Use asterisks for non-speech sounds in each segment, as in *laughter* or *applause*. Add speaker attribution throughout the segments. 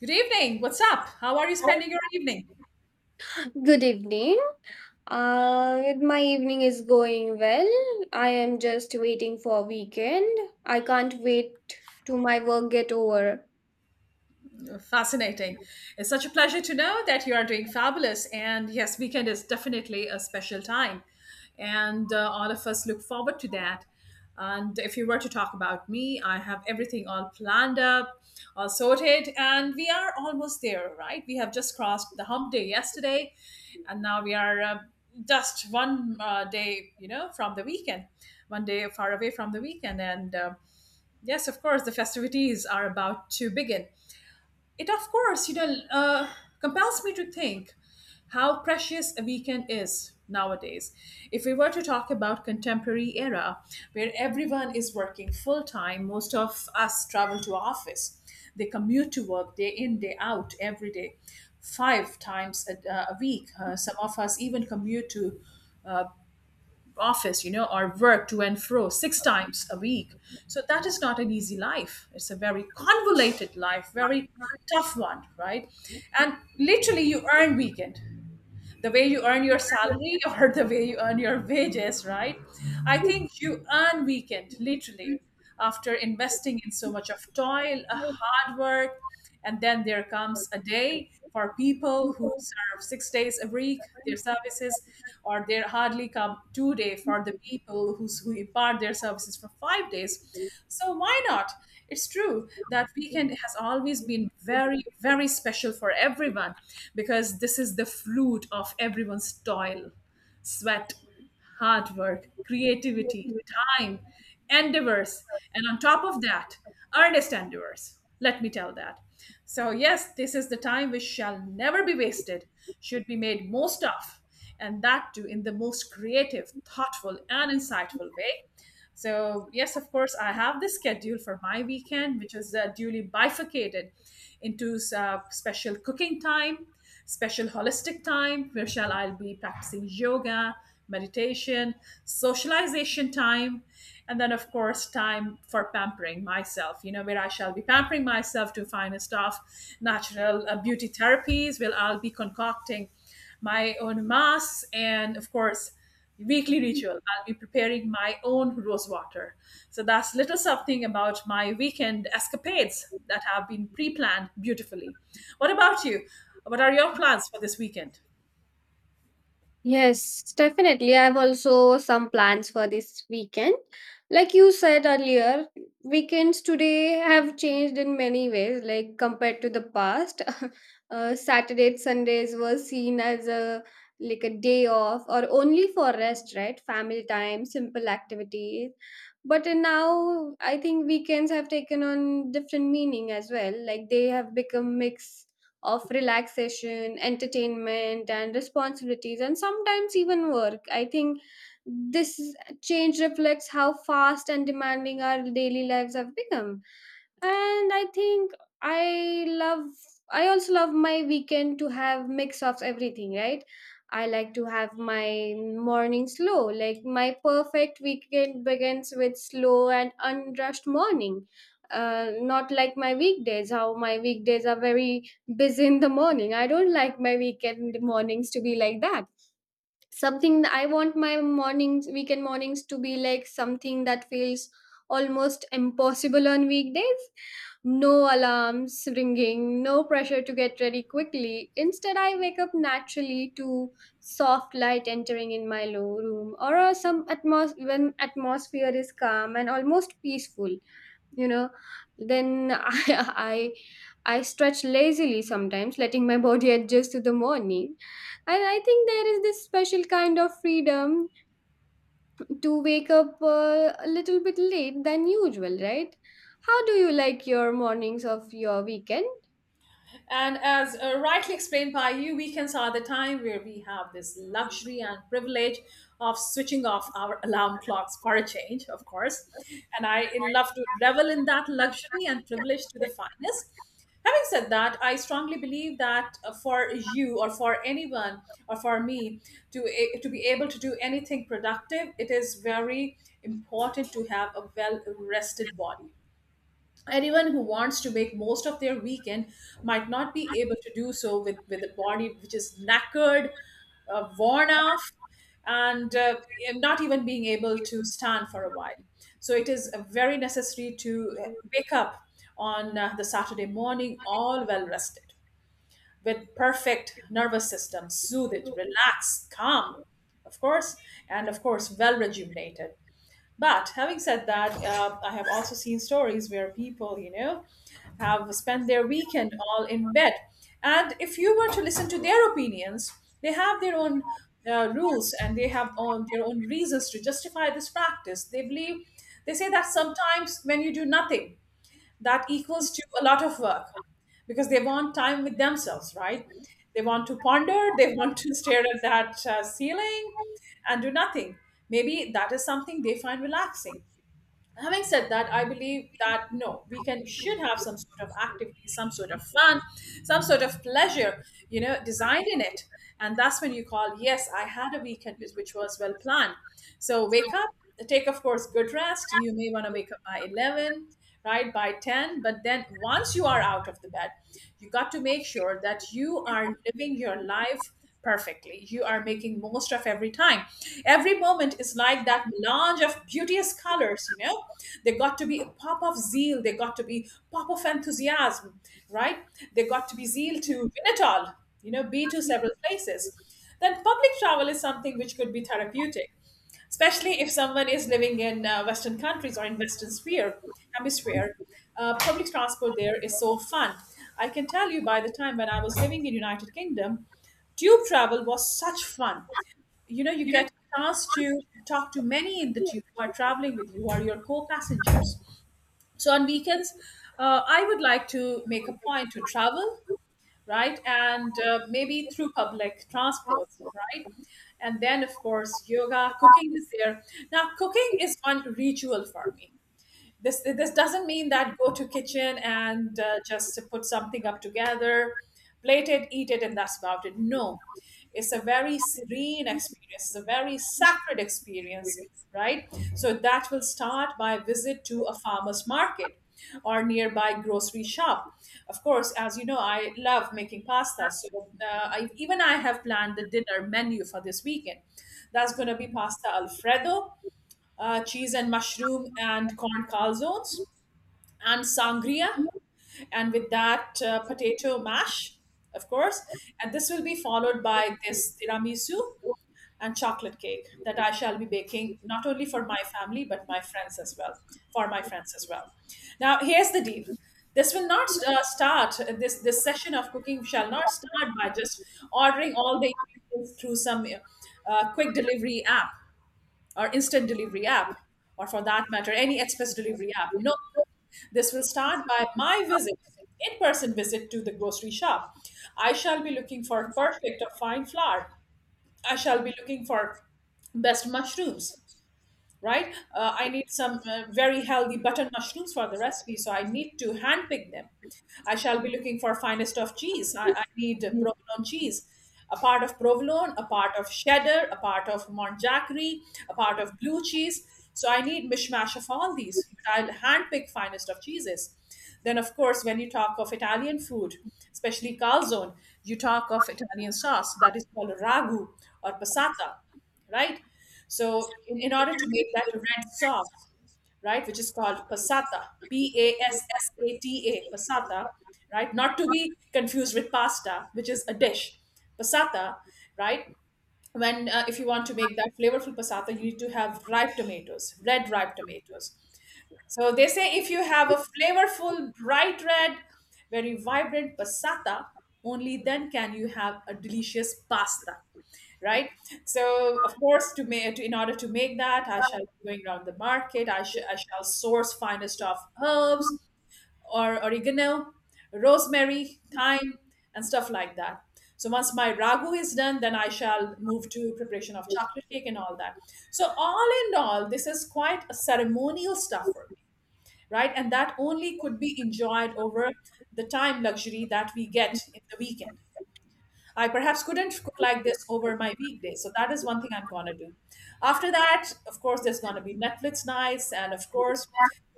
Speaker 1: Good evening. What's up? How are you spending your evening?
Speaker 2: Good evening. My evening is going well. I am just waiting for weekend. I can't wait to my work get over.
Speaker 1: Fascinating. It's such a pleasure to know that you are doing fabulous. And yes, weekend is definitely a special time. And all of us look forward to that. And if you were to talk about me, I have everything all planned up, all sorted, and we are almost there, right? We have just crossed the hump day yesterday, and now we are just one day, from the weekend, one day far away from the weekend. And Yes, of course, the festivities are about to begin. It, of course, compels me to think how precious a weekend is nowadays. If we were to talk about contemporary era, where everyone is working full time, most of us travel to office. They commute to work day in, day out, every day, five times a week. Some of us even commute to uh, office, or work to and fro six times a week. So that is not an easy life. It's a very convoluted life, very tough one, right? And literally, you earn weekend the way you earn your salary *laughs* or the way you earn your wages, right? I think you earn weekend literally after investing in so much of toil, a hard work, and then there comes a day for people who serve 6 days a week their services, or they hardly come 2 day for the people who impart their services for 5 days. So why not? It's true that weekend has always been very, very special for everyone because this is the fruit of everyone's toil, sweat, hard work, creativity, time, endeavors, and on top of that, earnest endeavors. Let me tell that. So, yes, this is the time which shall never be wasted, should be made most of, and that too in the most creative, thoughtful, and insightful way. So, yes, of course, I have the schedule for my weekend, which is duly bifurcated into special cooking time, special holistic time, where shall I be practicing yoga, meditation, socialization time, and then, of course, time for pampering myself, where I shall be pampering myself to finest of natural beauty therapies, where I'll be concocting my own masks and, of course, weekly ritual I'll be preparing my own rose water. So that's little something about my weekend escapades that have been pre-planned beautifully. What about you? What are your plans for this weekend?
Speaker 2: Yes, definitely. I have also some plans for this weekend. Like you said earlier, weekends today have changed in many ways, like compared to the past. *laughs* Saturdays, Sundays were seen as a like a day off or only for rest, right? Family time, simple activities. But now I think weekends have taken on different meaning as well. Like they have become mixed of relaxation, entertainment, and responsibilities, and sometimes even work. I think this change reflects how fast and demanding our daily lives have become, and I think i love I also love my weekend to have mix of everything, right? I like to have my morning slow, like my perfect weekend begins with slow and unrushed morning. Not like my weekdays, how my weekdays are very busy in the morning. I don't like my weekend mornings to be like that. Something that I want my mornings weekend mornings to be like something that feels almost impossible on weekdays. No alarms ringing, no pressure to get ready quickly. Instead, I wake up naturally to soft light entering in my low room, or when atmosphere is calm and almost peaceful, you know. Then *laughs* I stretch lazily sometimes, letting my body *laughs* adjust to the morning. And I think there is this special kind of freedom to wake up a little bit late than usual, right? How do you like your mornings of your weekend?
Speaker 1: And as rightly explained by you, weekends are the time where we have this luxury and privilege of switching off our alarm clocks for a change, of course. And I love to revel in that luxury and privilege to the finest. Having said that, I strongly believe that for you or for anyone or for me to be able to do anything productive, it is very important to have a well rested body. Anyone who wants to make most of their weekend might not be able to do so with a body which is knackered, worn off, and uh, and not even being able to stand for a while. So it is very necessary to wake up on the Saturday morning all well rested, with perfect nervous system soothed, relaxed, calm, of course, and of course well rejuvenated. But having said that, I have also seen stories where people, you know, have spent their weekend all in bed. And if you were to listen to their opinions, they have their own rules and they have their own reasons to justify this practice. They believe, they say that sometimes when you do nothing, that equals to a lot of work, because they want time with themselves, right? They want to ponder, they *laughs* want to stare at that ceiling and do nothing. Maybe that is something they find relaxing. Having said that, I believe that no, we can should have some sort of activity, some sort of fun, some sort of pleasure, you know, designed in it. And that's when you call, yes, I had a weekend which was well planned. So wake up, take of course good rest. You may want to wake up by 11, right, by 10. But then once you are out of the bed, you got to make sure that you are living your life perfectly. You are making most of every time, every moment is like that melange of beauteous colors, you know. They got to be a pop of zeal, they got to be pop of enthusiasm, right? They got to be zeal to win it all, you know, be to several places. Then public travel is something which could be therapeutic, especially if someone is living in Western countries or in Western sphere hemisphere. Public transport there is so fun. I can tell you by the time when I was living in United Kingdom, tube travel was such fun. You know, you get a chance to talk to many in the tube who are traveling with you, who are your co-passengers. So on weekends, I would like to make a point to travel, right? And maybe through public transport, right? And then, of course, yoga, cooking is there. Now, cooking is one ritual for me. This doesn't mean that go to kitchen and just put something up together, plate it, eat it, and that's about it. No, it's a very serene experience, it's a very sacred experience, right? So that will start by a visit to a farmer's market or nearby grocery shop. Of course, as you know, I love making pasta. So even I have planned the dinner menu for this weekend. That's going to be pasta alfredo, cheese and mushroom and corn calzones, and sangria, and with that potato mash, of course. And this will be followed by this tiramisu and chocolate cake that I shall be baking not only for my family but my friends as well. For my friends as well. Now here's the deal. This will not start. This session of cooking shall not start by just ordering all the ingredients through some quick delivery app or instant delivery app, or for that matter, any express delivery app. No, this will start by my visit, in person visit to the grocery shop. I shall be looking for perfect or fine flour. I shall be looking for best mushrooms, right? I need some very healthy button mushrooms for the recipe, so I need to handpick them. I shall be looking for finest of cheese. I need provolone cheese, a part of provolone, a part of cheddar, a part of Monjackery, a part of blue cheese. So I need mishmash of all these, but I'll handpick finest of cheeses. Then, of course, when you talk of Italian food, especially calzone, you talk of Italian sauce that is called ragu or passata, right? So in order to make that red sauce, right, which is called passata, passata, passata, right, not to be confused with pasta, which is a dish, passata, right? When If you want to make that flavorful passata, you need to have ripe tomatoes, red ripe tomatoes, so they say if you have a flavorful, bright red, very vibrant passata, only then can you have a delicious pasta, right? So of course, to make in order to make that, I shall be going around the market. I shall source finest of herbs or oregano, rosemary, thyme, and stuff like that. So once my ragu is done, then I shall move to preparation of chocolate cake and all that. So all in all, this is quite a ceremonial stuffer, right? And that only could be enjoyed over the time luxury that we get in the weekend. I perhaps couldn't cook like this over my weekday. So that is one thing I'm going to do. After that, of course, there's going to be Netflix nights. And of course,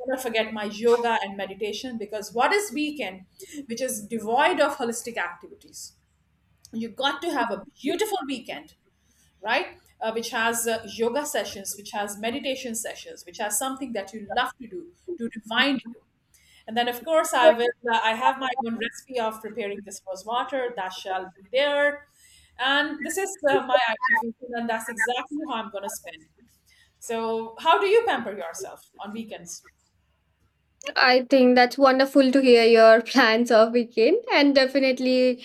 Speaker 1: I'm going to forget my yoga and meditation because what is weekend, which is devoid of holistic activities? You got to have a beautiful weekend, right, which has yoga sessions, which has meditation sessions, which has something that you love to do to remind you. And then, of course, I will. I have my own recipe of preparing this rose water that shall be there. And this is my ideal weekend, and that's exactly how I'm going to spend. So, how do you pamper yourself on weekends?
Speaker 2: I think that's wonderful to hear your *laughs* plans of weekend, and definitely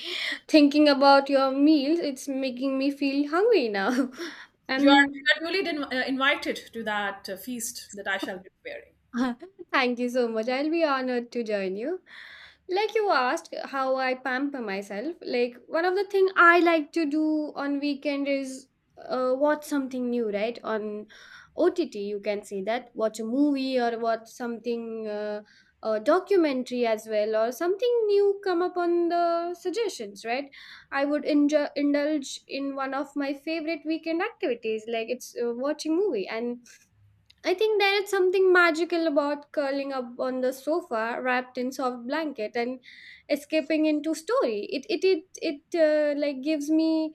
Speaker 2: thinking about your meals, it's making me feel hungry now. *laughs*
Speaker 1: You are,
Speaker 2: Um,
Speaker 1: you are duly invited to that feast that I shall be preparing.
Speaker 2: *laughs* thank you so much. I'll be honored to join you. Like you asked how I pamper myself, like one of the thing I like to do on weekend is watch something new, right? On OTT you can see that, watch a movie or watch something a documentary as well, or something new come up on the suggestions, right? I would enjoy, indulge in one of my favorite weekend activities, like it's watching movie. And I think there is something magical about curling up on the sofa, wrapped in soft blanket, and escaping into story. It like gives me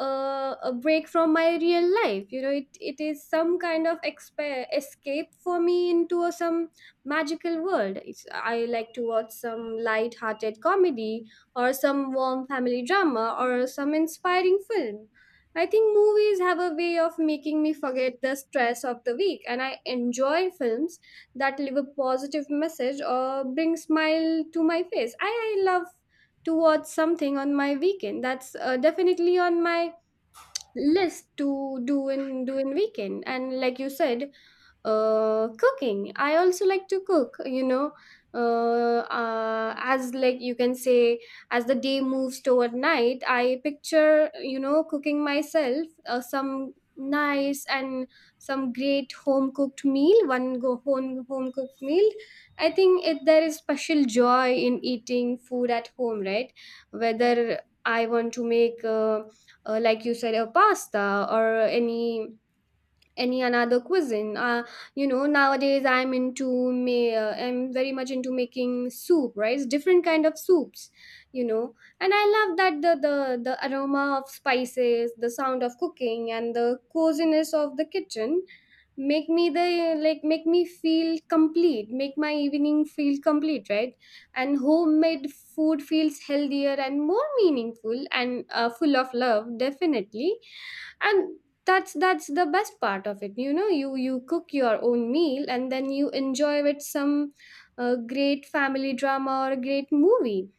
Speaker 2: a break from my real life. You know, it is some kind of escape for me into a some magical world. It's, I like to watch some light-hearted comedy, or some warm family drama, or some inspiring film. I think movies have a way of making me forget the stress of the week, and I enjoy films that leave a positive message or bring smile to my face. I love to watch something on my weekend. That's definitely on my list to do in weekend. And like you said, cooking, I also like to cook, you know. As like you can say, as the day moves toward night, I picture, you know, cooking myself some nice and some great home cooked meal. One go home cooked meal. I think it there is special joy in eating food at home, right? Whether I want to make like you said, a pasta or any another cuisine. You know, nowadays I'm into me. I'm very much into making soup, right? It's different kind of soups, you know. And I love that the aroma of spices, the sound of cooking, and the coziness of the kitchen make me feel complete. Make my evening feel complete, right? And homemade food feels healthier and more meaningful and full of love, definitely. And that's the best part of it. You know, you cook your own meal and then you enjoy with some great family drama or a great movie.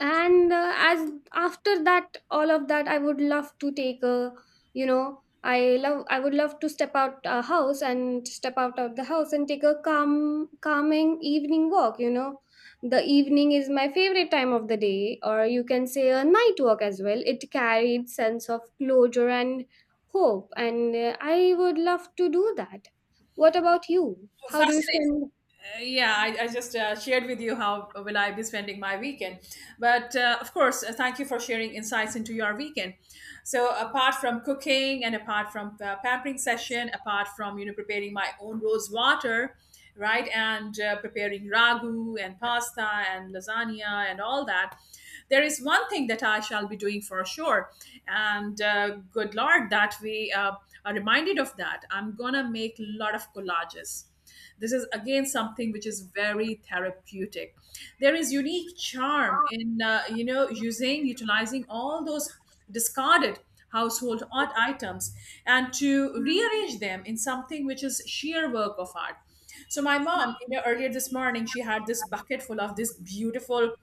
Speaker 2: And as after that all of that, I would love to take a, you know, I would love to step out a house and step out of the house and take a calming evening walk. You know, the evening is my favorite time of the day, or you can say a night walk as well. It carried sense of closure and hope, and I would love to do that. What about you, how do you
Speaker 1: Fascinating.
Speaker 2: spend?
Speaker 1: Yeah, I just shared with you how will I be spending my weekend. But of course, thank you for sharing insights into your weekend. So apart from cooking and apart from pampering session, apart from preparing my own rose water, right, and preparing ragu and pasta and lasagna and all that, there is one thing that I shall be doing for sure. And good Lord, that we are reminded of that. I'm gonna make a lot of collages. This is again something which is very therapeutic. There is unique charm in using utilizing all those discarded household art items and to rearrange them in something which is sheer work of art. So my mom, you know, earlier this morning, she had this bucket full of this beautiful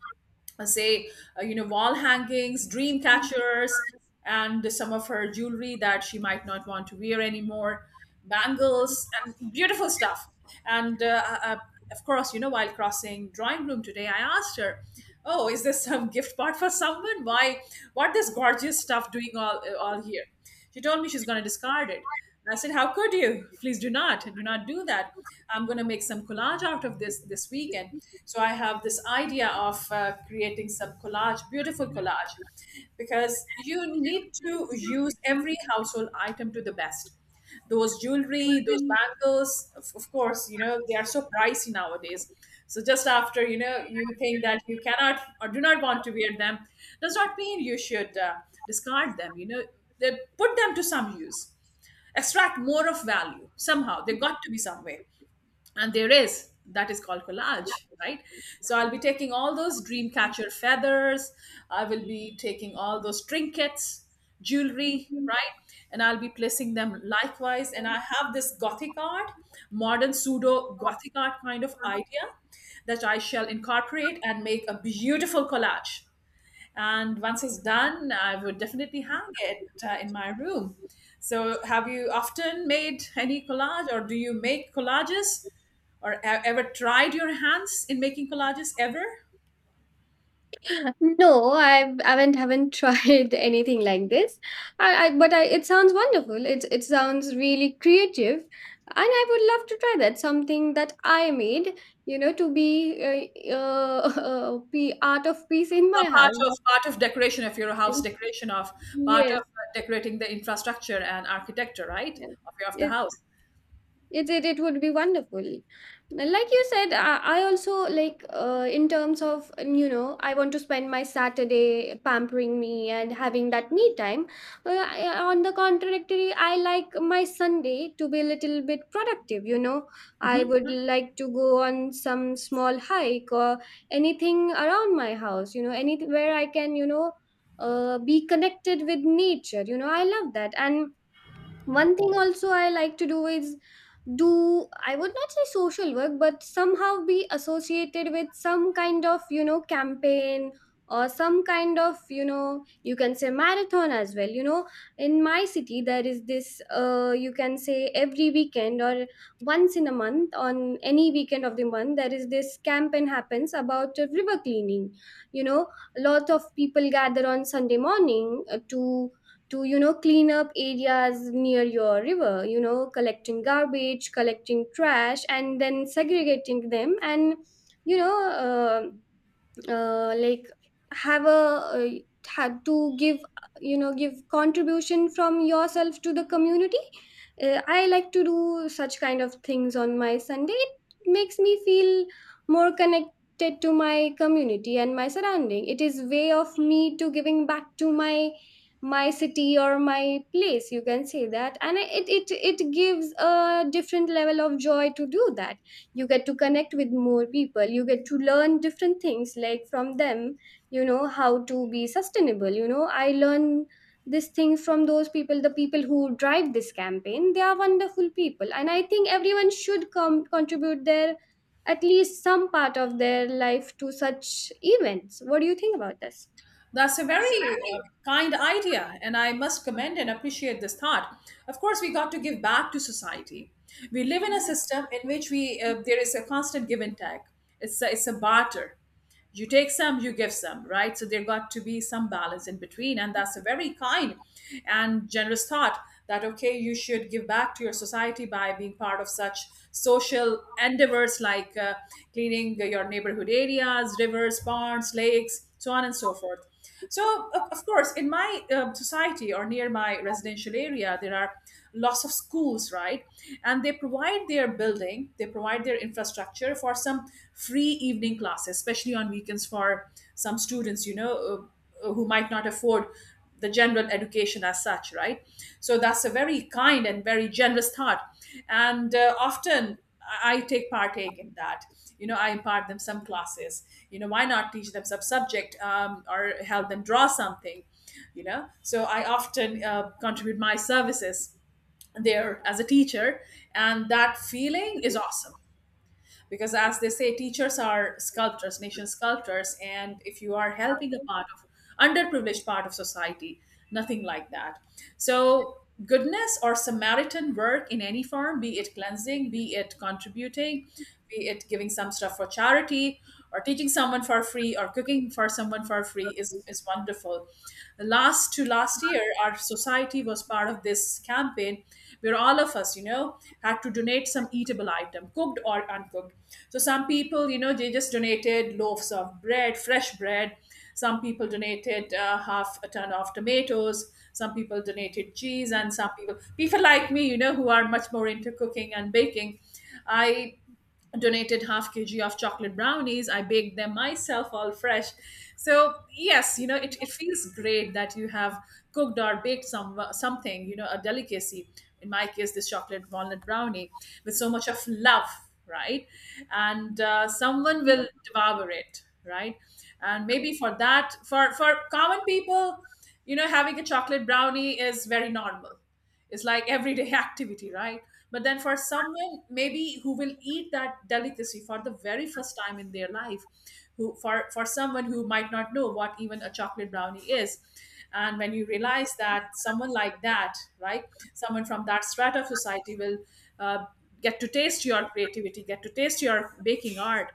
Speaker 1: say wall hangings, dream catchers, and some of her jewelry that she might not want to wear anymore, bangles and beautiful stuff. And Of course, you know, while crossing drawing room today, I asked her, "Oh, is this some *laughs* gift part for someone? Why what this gorgeous stuff doing all here?" She told me she's going to discard it. I said, "How could you? Please do not, do not do that. I'm going to make some collage out of this this weekend." So I have this idea of creating some collage, beautiful collage, because you need to use every household item to the best. Those jewelry, those bangles, of course, you know, they are so pricey nowadays. So just after you know you think that you cannot or do not want to wear them, does not mean you should discard them. You know, they put them to some use, extract more of value, somehow they got to be somewhere, and there is that is called collage, right? So I'll be taking all those dream catcher feathers, I will be taking all those trinkets, jewelry, right? And I'll be placing them likewise, and I have this gothic art, modern pseudo gothic art kind of idea that I shall incorporate and make a beautiful collage. And once it's done, I would definitely hang it in my room. So, have you often made any collage, or do you make collages, or ever tried your hands in making collages ever?
Speaker 2: No, I haven't tried *laughs* anything like this. I but I it sounds wonderful. It sounds really creative, and I would love to try that. Something that I made, you know, to be uh, uh, *laughs* be art of peace in
Speaker 1: A
Speaker 2: my house.
Speaker 1: part of decoration of your house,
Speaker 2: *laughs*
Speaker 1: decoration of part of
Speaker 2: Yes,
Speaker 1: decorating the infrastructure and architecture, right,
Speaker 2: yes,
Speaker 1: of your of the
Speaker 2: it.
Speaker 1: house.
Speaker 2: It would be wonderful. Like you said, I also like in terms of, you know, I want to spend my Saturday pampering me and having that me time. On the contrary, I like my Sunday to be a little bit productive. You know, I
Speaker 1: Mhm.
Speaker 2: would like to go on some small hike or anything around my house. You know, anywhere I can, you know, be connected with nature. You know, I love that. And one thing also I like to do is do I would not say social work, but somehow be associated with some kind of, you know, campaign or some kind of, you know, you can say marathon as well, you know. In my city there is this, you can say every weekend or once in a month on any weekend of the month, there is this campaign happens about river cleaning, you know. A lot of people gather on Sunday morning to, you know, clean up areas near your river, you know, collecting garbage, collecting trash, and then segregating them, and you know, uh, uh, like have a had to give, you know, give contribution from yourself to the community. I like to do such kind of things on my Sunday. It makes me feel more connected to my community and my surrounding. It is way of me to giving back to my city or my place, you can say that. And it gives a different level of joy to do that. You get to connect with more people, you get to learn different things like from them, you know, how to be sustainable. You know, I learn this thing from those people. The people who drive this campaign, they are wonderful people, and I think everyone should come contribute their at least some part of their life to such events. What do you think about this?
Speaker 1: That's a very kind idea, and I must commend and appreciate this thought. Of course, we got to give back to society. We live in a system in which we there is a constant give and take. It's a barter. You take some, you give some, right? So there got to be some balance in between, and that's a very kind and generous thought that okay, you should give back to your society by being part of such social endeavors like cleaning your neighborhood areas, rivers, ponds, lakes so on and so forth. So, of course, in my society or near my residential area, there are lots of schools, right? And they provide their building, they provide their infrastructure for some free evening classes, especially on weekends for some students, you know, who might not afford the general education as such, right? So that's a very kind and very generous thought. And often I take partake in that. You know, I impart them some classes. You know, why not teach them some subject or help them draw something? You know, so I often contribute my services there as a teacher, and that feeling is awesome because as they say teachers are sculptors, nation sculptors, and if you are helping a part of underprivileged part of society, nothing like that. So goodness or samaritan work in any form, be it cleansing, be it contributing, be it giving some stuff for charity, or teaching someone for free, or cooking for someone for free is wonderful. Last to last year our society was part of this campaign where all of us you know had to donate some eatable item cooked or uncooked. So some people you know they just donated loaves of bread, fresh bread, some people donated half a ton of tomatoes, some people donated cheese, and some people people like me you know who are much more into cooking and baking, I donated half kg of chocolate brownies. I baked them myself all fresh. So yes, you know, it feels great that you have cooked or baked some something, you know, a delicacy, in my case this chocolate walnut brownie, with so much of love, right? And someone will devour it, right? And maybe for that, for common people, you know, having a chocolate brownie is very normal. It's like everyday *laughs* activity, right? But then for someone maybe who will eat that delicacy for the very first time in their life, who for someone who might not know what even a chocolate brownie is, and when you realize that someone like that, right, someone from that strata of society will uh, get to taste your creativity, get to taste your baking art,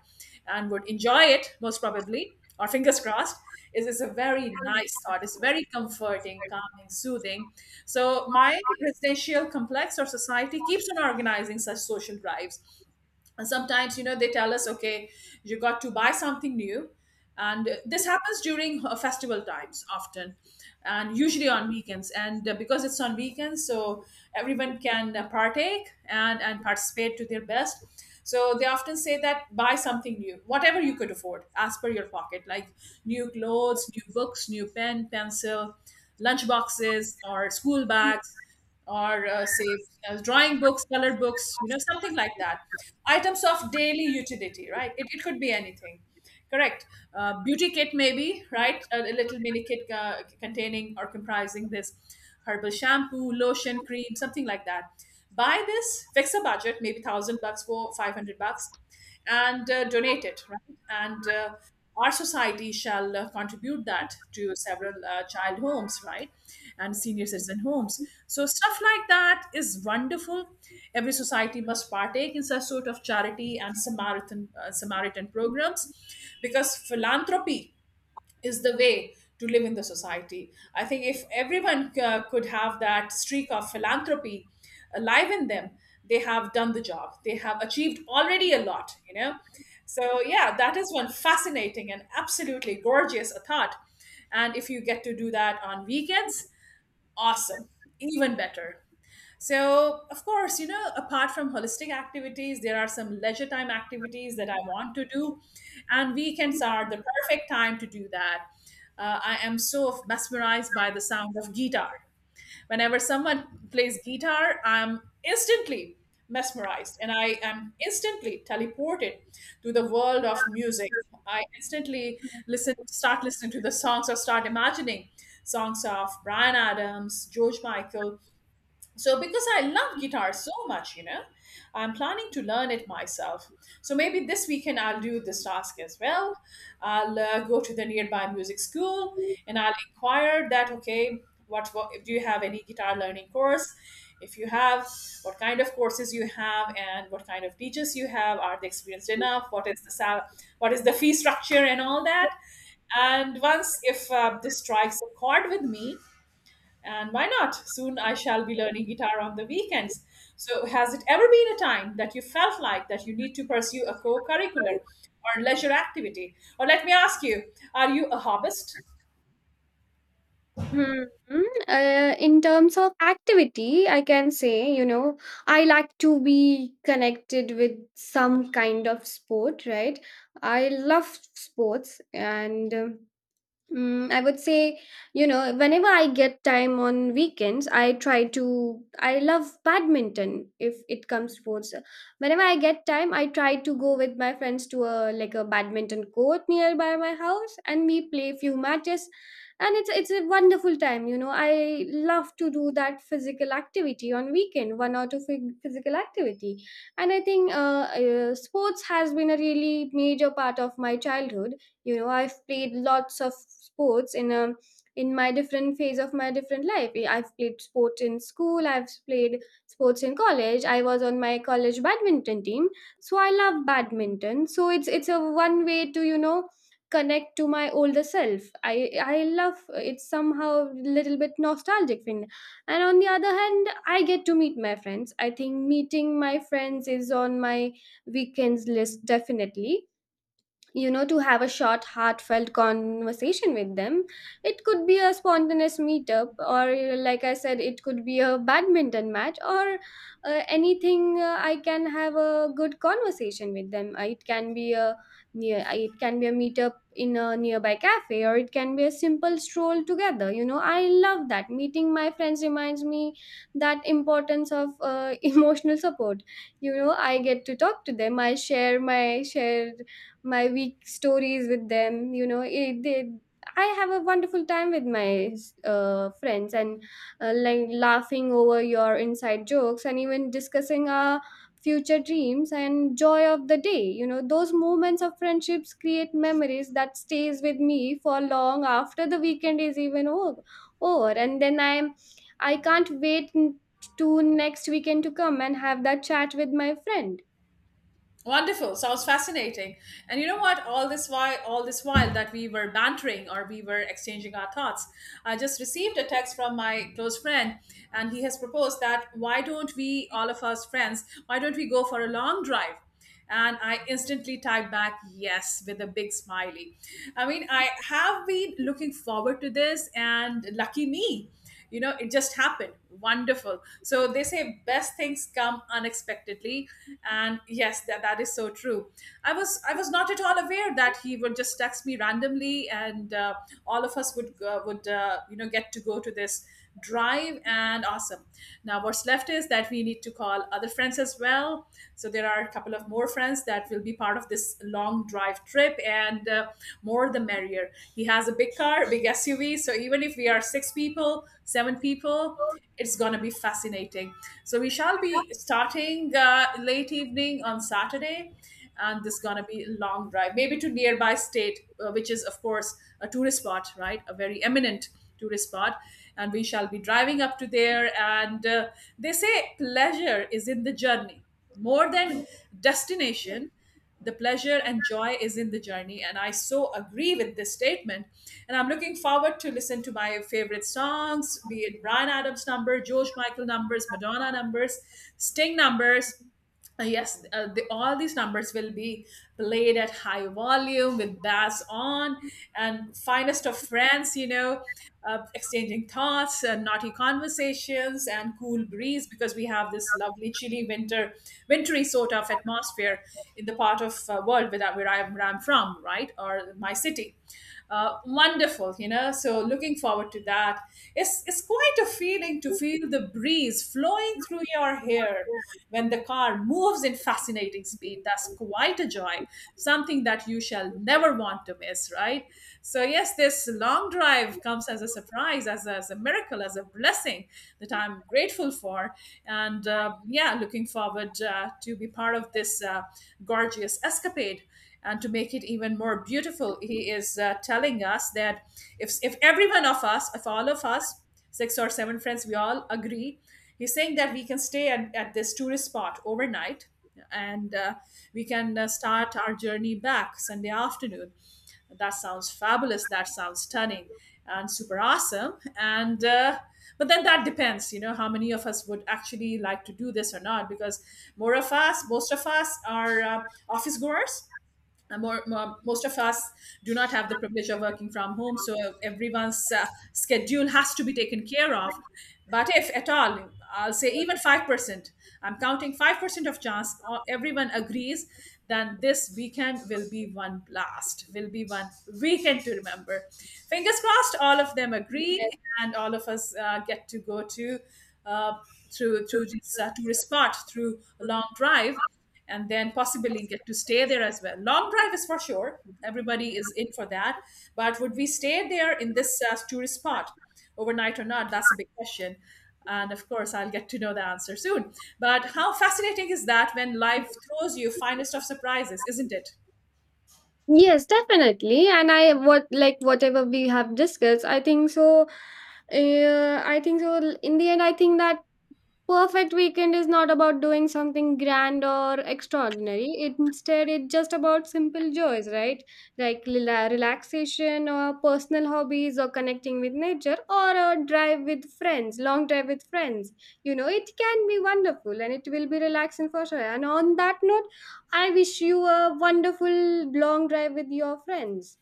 Speaker 1: and would enjoy it most probably, or fingers crossed, is a very nice thought. It's very comforting, calming, soothing. So my residential complex or society keeps on organizing such social drives, and sometimes you know they tell us okay you got to buy something new, and this happens during festival times often, and usually on weekends, and because it's on weekends, so everyone can partake and participate to their best. So they often say that buy something new whatever you could afford as per your pocket, like new clothes, new books, new pen pencil, lunch boxes or school bags, or say drawing books, color books, you know, something like that. Items of daily utility, right? It could be anything. Correct. Beauty kit, maybe, right? A little mini kit containing or comprising this herbal shampoo, lotion, cream, something like that. Buy this, fix a budget, maybe 1,000 bucks for 500 bucks, and donate it, right? And our society shall contribute that to several child homes, right? And senior citizen homes. So, stuff like that is wonderful. Every society must partake in such sort of charity and Samaritan, Samaritan programs because philanthropy is the way to live in the society. I think if everyone could have that streak of philanthropy alive in them, they have done the job. They have achieved already a lot, you know. So yeah, that is one fascinating and absolutely gorgeous thought. And if you get to do that on weekends, awesome, even better. So, of course, you know, apart from holistic activities, there are some leisure time activities that I want to do, and weekends are the perfect time to do that. I am so mesmerized by the sound of guitar. Whenever someone plays guitar, I'm instantly mesmerized, and I am instantly teleported to the world of music. I instantly listen, start listening to the songs or start imagining songs of Brian Adams, George Michael, so, because I love guitar so much, you know, I'm planning to learn it myself. So, maybe this weekend I'll do this task as well. I'll go to the nearby music school and I'll inquire that, okay, what do you have any guitar learning course? If you have, what kind of courses you have and what kind of teachers you have? Are they experienced enough? What is the what is the fee structure and all that? And once if this strikes a chord with me, and why not? Soon I shall be learning guitar on the weekends. So, has it ever been a time that you felt like that you need to pursue a co curricular or leisure activity? Or let me ask you, are you a hobbyist?
Speaker 2: Mhm. In terms of activity, I can say, you know, I like to be connected with some kind of sport, right? I love sports, and I would say, you know, whenever I get time on weekends, I try to. I love badminton if it comes to sports. Whenever I get time, I try to go with my friends to a like a badminton court nearby my house, and we play few matches, and it's a wonderful time. You know, I love to do that physical activity on weekend, one or two physical activity. And I think sports has been a really major part of my childhood. You know, I've played lots of sports in my different phase of my different life. Have played sports in school, I've played sports in college. I was on my college badminton team, so I love badminton. So it's a one way to, you know, connect to my older self. I love, it's somehow little bit nostalgic thing. And on the other hand, I get to meet my friends. I think meeting my friends is on my weekends list, definitely, you know, to have a short heartfelt conversation with them. It could be a spontaneous meetup, or like I said, it could be a badminton match, or anything, I can have a good conversation with them. It can be a meetup in a nearby cafe, or it can be a simple stroll together. You know, I love that. Meeting my friends reminds me that importance of *laughs* emotional support. You know, I get to talk to them, I share my week stories with them, you know. I have a wonderful time with my friends, and like laughing over your inside jokes and even discussing our future dreams and joy of the day. You know, those moments of friendships create memories that stays with me for long after the weekend is even over, and then I am, I can't wait to next weekend to come and have that chat with my friend.
Speaker 1: Wonderful. Sounds fascinating. And you know what? All this while that we were bantering or we were exchanging our thoughts, I just received a text from my close friend, and he has proposed that why don't we, all of us friends, why don't we go for a long drive? And I instantly typed back yes with a big smiley. I mean, I have been looking forward to this, and lucky me, it just happened. Wonderful. So they say best things come unexpectedly, and yes, that is so true. I was not at all aware that he would just text me randomly, and all of us would get to go to this drive. And awesome, now what's left is that we need to call other friends as well. So there are a couple of more friends that will be part of this long drive trip. And more the merrier. He has a big car, big SUV, so even if we are six people, seven people, it's going to be fascinating. So we shall be starting late evening on Saturday, and this is going to be a long drive, maybe to nearby state, which is of course a tourist spot, right? A very eminent tourist spot, and we shall be driving up to there. And they say pleasure is in the journey more than destination. The pleasure and joy is in the journey, and I so agree with this statement. And I'm looking forward to listen to my favorite songs, be it Brian Adams number, George Michael numbers, Madonna numbers, Sting numbers. Yes, all these numbers will be played at high volume with bass on, and finest of friends. Exchanging thoughts and naughty conversations and cool breeze, because we have this lovely chilly winter, wintry sort of atmosphere in the part of world where I'm from, right, or my city. Wonderful, So looking forward to that. It's quite a feeling to feel the breeze flowing through your hair when the car moves in fascinating speed. That's quite a joy, something that you shall never want to miss, right? So yes, this long drive comes as a surprise, as a miracle, as a blessing that I'm grateful for. And yeah, looking forward to be part of this gorgeous escapade. And to make it even more beautiful, he is telling us that if every one of us, if all of us, six or seven friends, we all agree. He's saying that we can stay at this tourist spot overnight, and we can start our journey back Sunday afternoon. That sounds fabulous. That sounds stunning and super awesome. And but then that depends, you know, how many of us would actually like to do this or not, because most of us are office goers. Most of us do not have the privilege of working from home, so everyone's schedule has to be taken care of. But if at all, I'll say even 5%, I'm counting 5% of chance, or everyone agrees, then this weekend will be one blast, will be one weekend to remember. Fingers crossed, all of them agree, and all of us get to go to uh, through through this tourist spot through a long drive, and then possibly get to stay there as well. Long drive is for sure. Everybody is in for that. But would we stay there in this tourist spot overnight or not? That's a big question. And of course, I'll get to know the answer soon. But how fascinating is that when life throws you finest of surprises, isn't it?
Speaker 2: Yes, definitely. And I what like whatever we have discussed, I think so. I think so, in the end, I think that perfect weekend is not about doing something grand or extraordinary. Instead it's just about simple joys, right? Like relaxation, or personal hobbies, or connecting with nature, or a drive with friends, long drive with friends. You know, it can be wonderful and it will be relaxing for sure. And on that note, I wish you a wonderful long drive with your friends.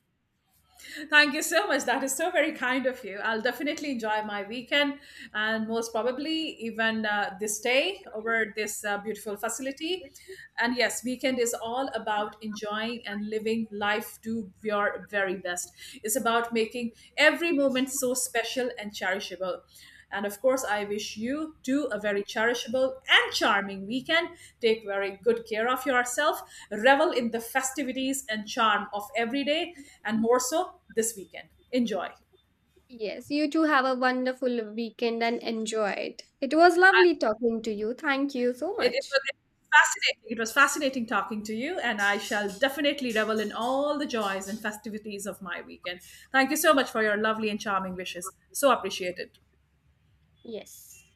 Speaker 1: Thank you so much. That is so very kind of you. I'll definitely enjoy my weekend and most probably even this day over this beautiful facility. And yes, weekend is all about enjoying and living life to your very best. It's about making every moment so special and cherishable. And of course, I wish you too a very cherishable and charming weekend. Take very good care of yourself. Revel in the festivities and charm of every day, and more so this weekend. Enjoy.
Speaker 2: Yes, you too, have a wonderful weekend and enjoy it. It was lovely talking to you, thank you so
Speaker 1: It
Speaker 2: much.
Speaker 1: was fascinating. It was fascinating talking to you, and I shall definitely revel in all the joys and festivities of my weekend. Thank you so much for your lovely and charming wishes. So appreciated.
Speaker 2: Yes.